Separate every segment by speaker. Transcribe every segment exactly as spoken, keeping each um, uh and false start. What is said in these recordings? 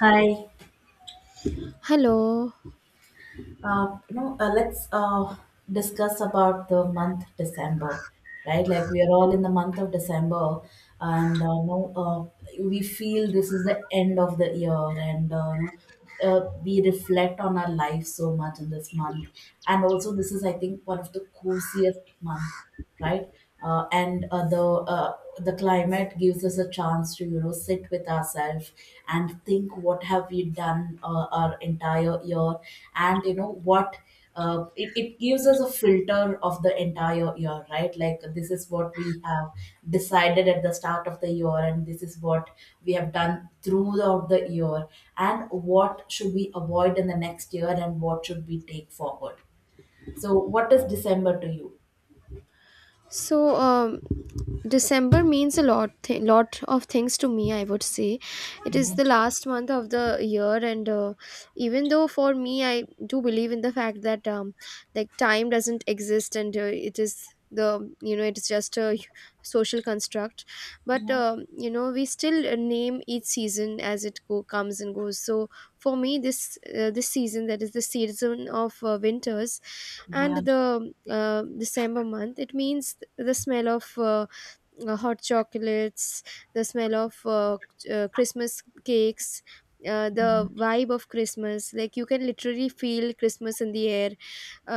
Speaker 1: Hi.
Speaker 2: Hello.
Speaker 1: Uh, you know, uh, let's uh, discuss about the month December, right? Like we are all in the month of December, and uh, no, uh, we feel this is the end of the year, and uh, no, uh, we reflect on our life so much in this month, and also this is, I think, one of the coziest month, right? Uh, and uh, the uh, the climate gives us a chance to you know sit with ourselves and think what have we done uh, our entire year, and you know what. Uh, it, it gives us a filter of the entire year, right? Like, this is what we have decided at the start of the year, and this is what we have done throughout the year, and what should we avoid in the next year, and what should we take forward. So, what is December to you?
Speaker 2: So, um, December means a lot, th- lot of things to me. I would say, it is the last month of the year, and uh, even though for me, I do believe in the fact that um, like time doesn't exist, and uh, it is the you know it is just a social construct. But
Speaker 1: Yeah.
Speaker 2: um, you know we still uh, name each season as it go- comes and goes. So for me, this uh, this season that is the season of uh, winters, and
Speaker 1: Yeah,
Speaker 2: the uh, december month, it means the smell of uh, uh, hot chocolates, the smell of uh, ch- uh, christmas cakes, uh, the vibe of christmas. Like you can literally feel christmas in the air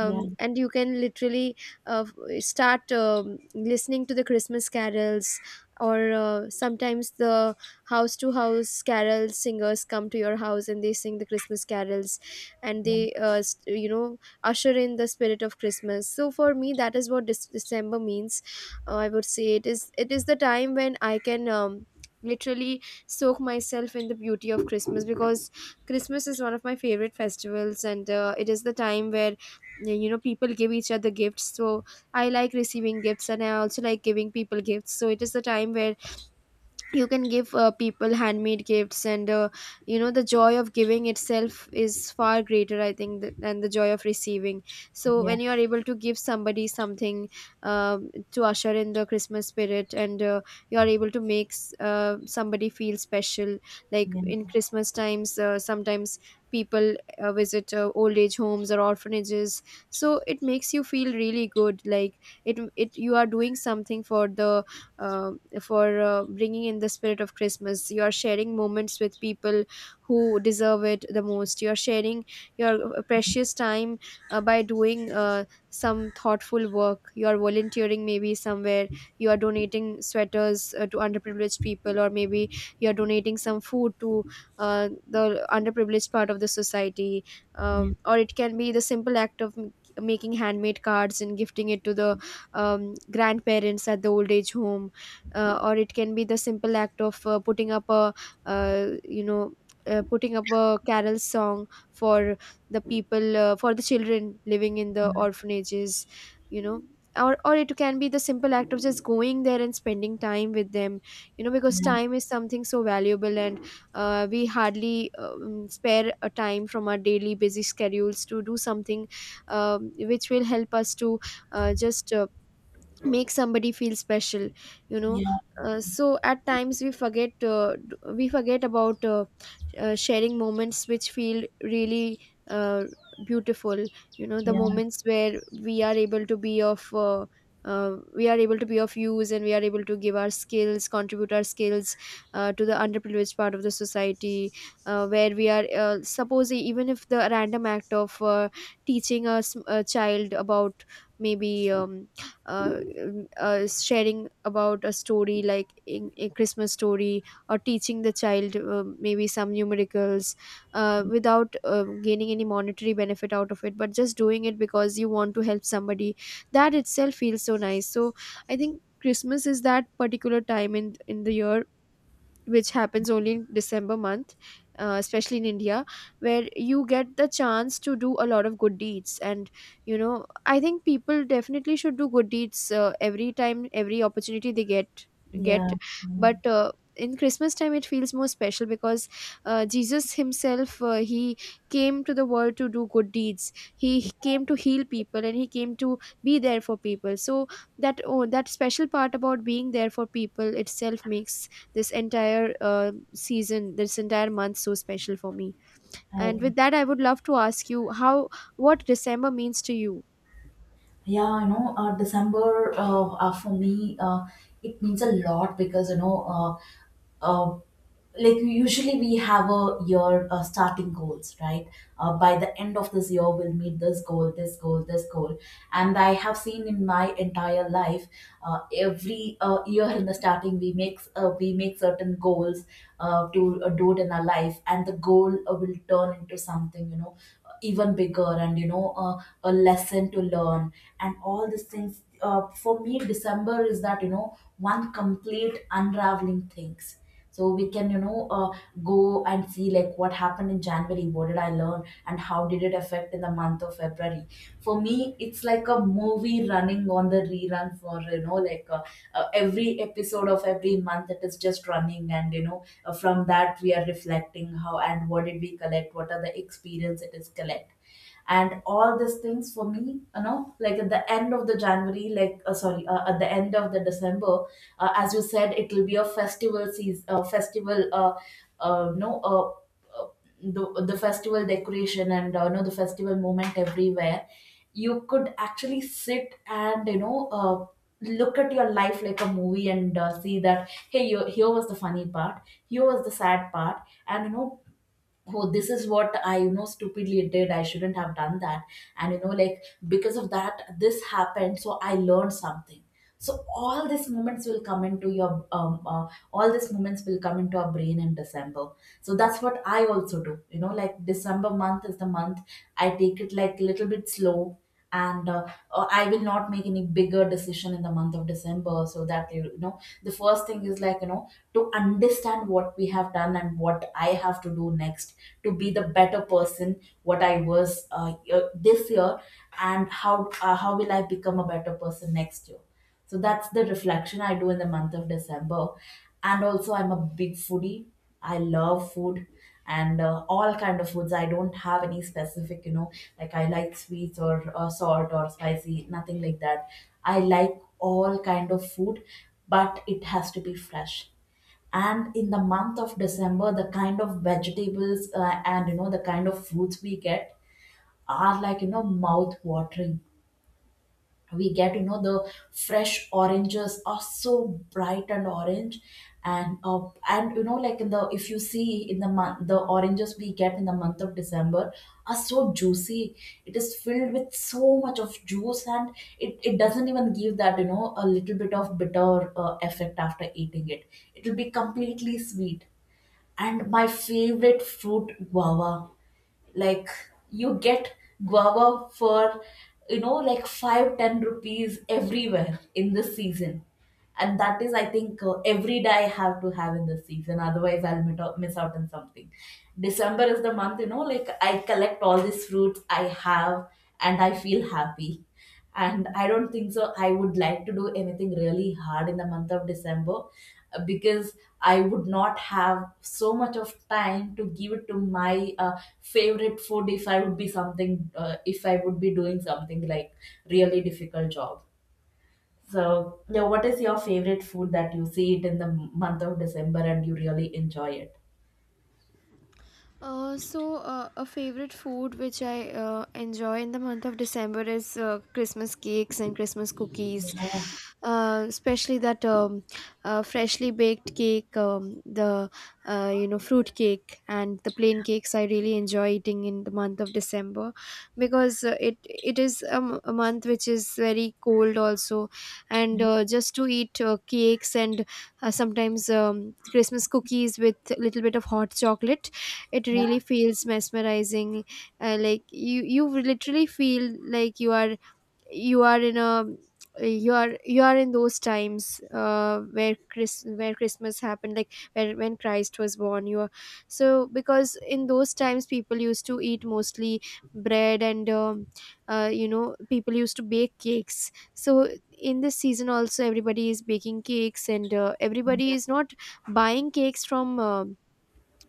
Speaker 1: yeah,
Speaker 2: and you can literally uh, f- start um, listening to the christmas carols. Or uh, sometimes the house to house carol singers come to your house and they sing the christmas carols, and
Speaker 1: yeah,
Speaker 2: they uh, st- you know usher in the spirit of christmas. So for me, that is what Dec- december means. uh, I would say it is it is the time when I can um, literally soak myself in the beauty of christmas, because christmas is one of my favorite festivals, and uh, it is the time where, yeah, you know, people give each other gifts. So I like receiving gifts, and I also like giving people gifts, so it is the time where you can give uh, people handmade gifts. And uh, you know the joy of giving itself is far greater, I think, th- than the joy of receiving. So
Speaker 1: yeah, yeah,
Speaker 2: when you are able to give somebody something um, to usher in the christmas spirit, and uh, you are able to make s- uh, somebody feel special, like
Speaker 1: yeah,
Speaker 2: in christmas times, uh, sometimes people uh, visit uh, old age homes or orphanages, so it makes you feel really good. Like it it you are doing something for the uh, for uh, bringing in the spirit of Christmas. You are sharing moments with people who deserve it the most. You are sharing your uh, precious time, uh, by doing uh, some thoughtful work. You are volunteering maybe somewhere. You are donating sweaters uh, to underprivileged people, or maybe you are donating some food to uh, the underprivileged part of the society. Um, or it can be the simple act of m- making handmade cards and gifting it to the um, grandparents at the old age home. Uh, or it can be the simple act of uh, putting up a uh, you know uh, putting up a carol song for the people, uh, for the children living in the orphanages, you know. Or, or it can be the simple act of just going there and spending time with them, you know, because time is something so valuable, and uh, we hardly um, spare a time from our daily busy schedules to do something um, which will help us to uh, just uh, make somebody feel special, you know.
Speaker 1: yeah,
Speaker 2: Uh, so at times we forget uh, d- we forget about uh, uh, sharing moments which feel really uh, beautiful, you know, the
Speaker 1: yeah,
Speaker 2: moments where we are able to be of uh, uh, we are able to be of use, and we are able to give our skills, contribute our skills uh, to the underprivileged part of the society, uh, where we are uh, suppose, even if the random act of uh, teaching a, s- a child about maybe um, uh, um, uh, sharing about a story like in a christmas story, or teaching the child, uh, maybe some numericals, uh, without uh, gaining any monetary benefit out of it, but just doing it because you want to help somebody, that itself feels so nice. So I think christmas is that particular time in in the year which happens only in December month, uh, especially in India, where you get the chance to do a lot of good deeds. And, you know, I think people definitely should do good deeds uh, every time, every opportunity they get. get
Speaker 1: yeah. Mm,
Speaker 2: But uh, in christmas time it feels more special because uh, jesus himself uh, he came to the world to do good deeds. He came to heal people, and he came to be there for people. So that oh, that special part about being there for people itself makes this entire uh, season, this entire month so special for me.
Speaker 1: I
Speaker 2: And
Speaker 1: agree.
Speaker 2: with that, I would love to ask you how, what December means to you.
Speaker 1: Yeah, you know, uh, December uh, uh, for me, uh, it means a lot because you know, uh, uh, like usually we have a year uh, starting goals, right. Uh, by the end of this year we'll meet this goal this goal this goal, and I have seen in my entire life, uh, every uh, year in the starting we make uh, we make certain goals uh, to uh, do it in our life, and the goal uh, will turn into something, you know even bigger, and you know uh, a lesson to learn and all these things. Uh, for me December is that, you know one complete unraveling things, so we can you know uh, go and see like what happened in January, what did I learn and how did it affect in the month of February. For me it's like a movie running on the rerun, for you know like uh, uh, every episode of every month it is just running, and you know uh, from that we are reflecting how and what did we collect, what are the experience it is collect, and all these things for me, you know like at the end of the January, like uh, sorry, uh, at the end of the December, uh, as you said, it will be a festival season, uh, festival, uh, uh, no, uh, uh, the, the festival decoration, and uh, no, the festival moment everywhere. You could actually sit and you know uh, look at your life like a movie and uh, see that, hey, you, here was the funny part, here was the sad part, and you know oh, this is what I you know stupidly did. I shouldn't have done that, and you know like because of that this happened, so I learned something. So all these moments will come into your um, uh, all these moments will come into our brain in December. So that's what I also do. You know like December month is the month I take it like a little bit slow, and uh, uh, I will not make any bigger decision in the month of December, so that you know the first thing is like, you know to understand what we have done and what I have to do next, to be the better person what I was uh, uh, this year, and how uh, how will I become a better person next year. So that's the reflection I do in the month of December. And also, I'm a big foodie. I love food and uh, all kind of foods. I don't have any specific, you know, like I like sweets or uh, salt or spicy, nothing like that. I like all kind of food, but it has to be fresh, and in the month of December the kind of vegetables, uh, and you know the kind of fruits we get are like, you know mouth watering. We get, you know the fresh oranges are so bright and orange, and uh, and you know like in the if you see in the month the oranges we get in the month of December are so juicy. It is filled with so much of juice, and it, it doesn't even give that, you know a little bit of bitter uh, effect after eating it. It will be completely sweet. And my favorite fruit, guava, like you get guava for you know like five ten rupees everywhere in this season. And that is, I think, uh, every day I have to have in this season, otherwise I'll mit- out- miss out on something. December is the month, you know like I collect all these fruits I have, and I feel happy. And I don't think so I would like to do anything really hard in the month of December, uh, because I would not have so much of time to give it to my uh, favorite food if I would be something uh, if I would be doing something like really difficult job. So yeah, what is your favorite food that you see it in the month of December and you really enjoy it?
Speaker 2: Uh, so uh, a favorite food which I uh, enjoy in the month of December is uh, Christmas cakes and Christmas cookies, uh, especially that um, uh, freshly baked cake, um, the uh, you know fruit cake and the plain cakes. I really enjoy eating in the month of December, because uh, it it is a, m- a month which is very cold also, and uh, just to eat uh, cakes and uh, sometimes um, Christmas cookies with a little bit of hot chocolate, it
Speaker 1: Yeah,
Speaker 2: really feels mesmerizing. Uh, like you you literally feel like you are you are in a you are you are in those times uh, where Chris where Christmas happened, like where, when Christ was born, you are. So because in those times people used to eat mostly bread, and um, uh, you know people used to bake cakes. So in this season also everybody is baking cakes, and uh, everybody is not buying cakes from uh,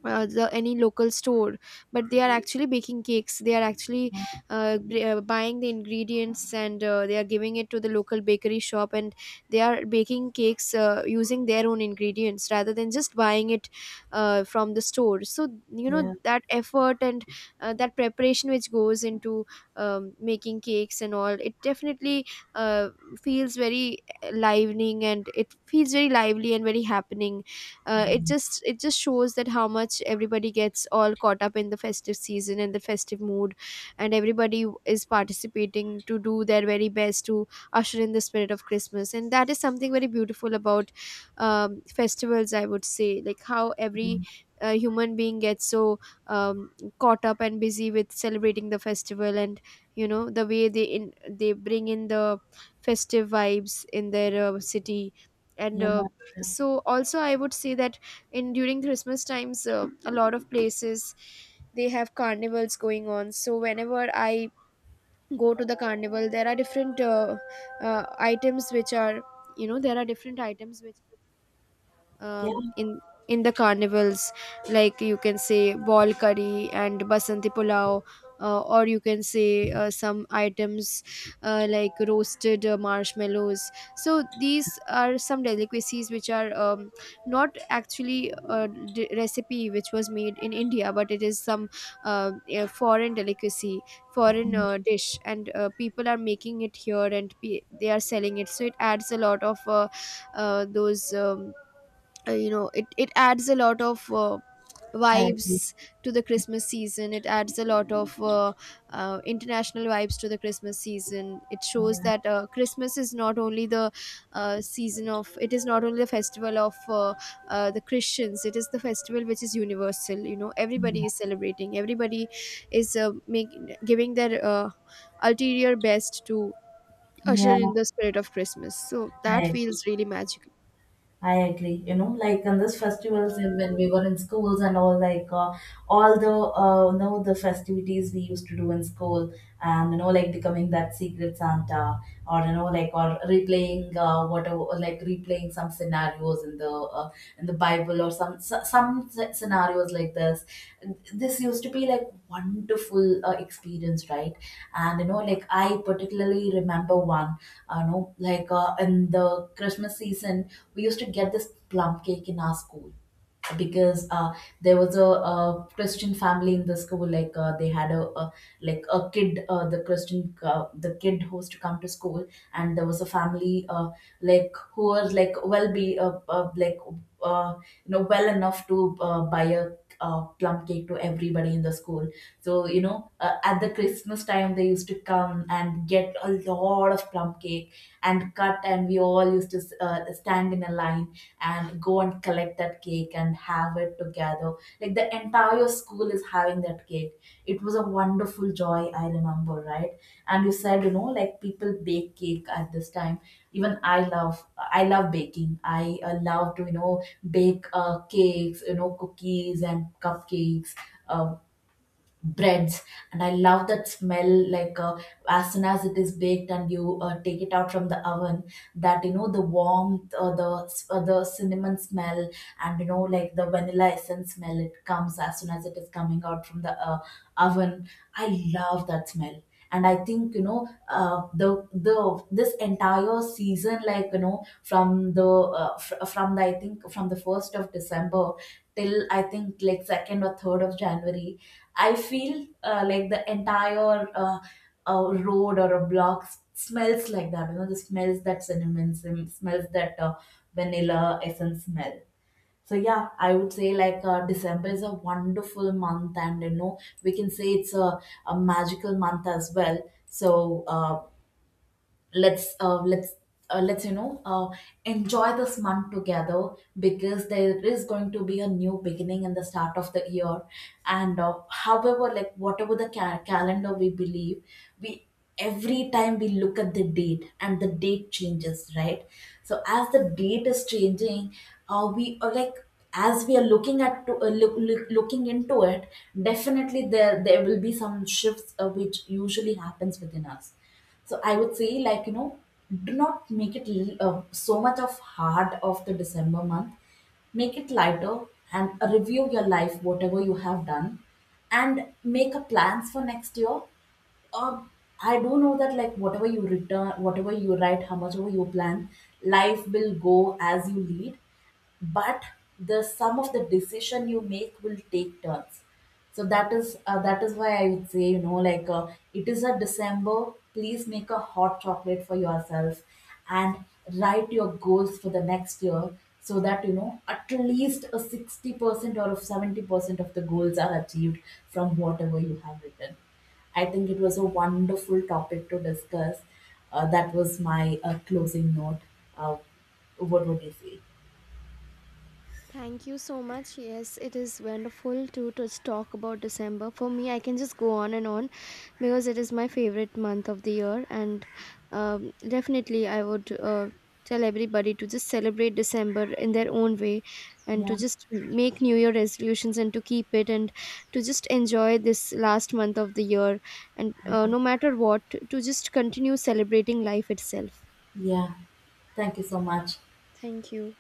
Speaker 2: uh, the any local store, but they are actually baking cakes. They are actually uh, b- uh, buying the ingredients, and uh, they are giving it to the local bakery shop, and they are baking cakes uh, using their own ingredients rather than just buying it uh, from the store. So you
Speaker 1: yeah,
Speaker 2: know, that effort and uh, that preparation which goes into um, making cakes and all, it definitely uh, feels very livening, and it feels very lively and very happening. Uh, it just it just shows that how much everybody gets all caught up in the festive season and the festive mood, and everybody is participating to do their very best to usher in the spirit of christmas. And that is something very beautiful about um, festivals, I would say. Like how
Speaker 1: yeah,
Speaker 2: every uh, human being gets so um, caught up and busy with celebrating the festival, and you know the way they in, they bring in the festive vibes in their uh, city. And uh,
Speaker 1: yeah,
Speaker 2: so also I would say that in during christmas times, uh, a lot of places they have carnivals going on. So whenever I go to the carnival, there are different uh, uh, items which are, you know, there are different items which
Speaker 1: yeah,
Speaker 2: um, in in the carnivals, like you can say ball curry and basanti pulao, uh, or you can say uh, some items, uh, like roasted uh, marshmallows. So these are some delicacies which are, um, not actually a d- recipe which was made in india, but it is some uh, a foreign delicacy, foreign uh, dish, and uh, people are making it here and pe- they are selling it. So it adds a lot of uh, uh, those um, uh, you know it, it adds a lot of uh,
Speaker 1: I agree.
Speaker 2: vibes to the christmas season. It adds a lot of uh, uh, international vibes to the christmas season. It shows
Speaker 1: Yeah,
Speaker 2: that uh, christmas is not only the uh, season of, it is not only the festival of uh, uh, the christians. It is the festival which is universal. You know,
Speaker 1: yeah,
Speaker 2: everybody is celebrating, everybody is uh, making, giving their uh, ulterior best to usher
Speaker 1: yeah,
Speaker 2: in the spirit of christmas. So
Speaker 1: I
Speaker 2: that
Speaker 1: agree.
Speaker 2: feels really magical.
Speaker 1: I agree. You know, like in this festivals, and when we were in schools and all, like uh, all the uh, you know the festivities we used to do in school, and you know, like becoming that secret Santa, or you know, like or replaying uh, whatever, like replaying some scenarios in the uh, in the Bible, or some so- some sce- scenarios like this. This used to be like wonderful uh, experience, right? And you know, like I particularly remember one. I know, like uh, in the Christmas season, we used to get this plum cake in our school, because uh, there was a, uh Christian family in the school. Like uh, they had a, a like a kid, uh, the Christian uh, the kid who used to come to school, and there was a family uh, like who was like well be uh, uh, like uh, you know well enough to uh, buy a uh, plum cake to everybody in the school. So, you know, uh, at the Christmas time, they used to come and get a lot of plum cake, and cut, and we all used to uh, stand in a line and go and collect that cake and have it together. Like the entire school is having that cake. It was a wonderful joy, I remember, right? And you said, you know, like people bake cake at this time. Even I love, I love baking. I uh, love to, you know, bake uh, cakes, you know, cookies and cupcakes, uh, breads, and I love that smell, like uh, as soon as it is baked and you uh, take it out from the oven, that, you know the warmth, or the uh, the cinnamon smell, and you know like the vanilla essence smell, it comes as soon as it is coming out from the uh, oven. I love that smell. And I think you know uh, the the this entire season, like you know from the uh, fr- from the I think from the first of December, till, I think, like second or third of January, I feel uh, like the entire uh, uh, road or a block s- smells like that, you know the smells, that cinnamon, sim- smells, that uh, vanilla essence smell. So yeah, I would say like uh, December is a wonderful month, and you know we can say it's a, a magical month as well. So uh, let's uh, let's uh, let's you know uh, enjoy this month together, because there is going to be a new beginning in the start of the year, and uh, however, like whatever the ca- calendar we believe, we every time we look at the date, and the date changes, right? So as the date is changing, uh, we are like, as we are looking at to, uh, look, look, looking into it, definitely there there will be some shifts, uh, which usually happens within us. So I would say like, you know do not make it l- uh, so much of hard of the December month, make it lighter, and review your life, whatever you have done, and make a plans for next year. um, I do know that like whatever you return, whatever you write, how much ever you plan, life will go as you lead, but the sum of the decision you make will take turns. So that is uh, that is why I would say, you know like, uh, it is a December, please make a hot chocolate for yourself and write your goals for the next year, so that you know at least a sixty percent or a seventy percent of the goals are achieved from whatever you have written. I think it was a wonderful topic to discuss. Uh, that was my uh, closing note. uh, what would you say?
Speaker 2: Thank you so much. Yes, it is wonderful to just talk about December. For me, I can just go on and on because it is my favorite month of the year, and um, definitely I would uh, tell everybody to just celebrate December in their own way, and to
Speaker 1: Yeah.
Speaker 2: just make New Year resolutions and to keep it, and to just enjoy this last month of the year, and uh, no matter what, to just continue celebrating life itself.
Speaker 1: Yeah. Thank you so much.
Speaker 2: Thank you.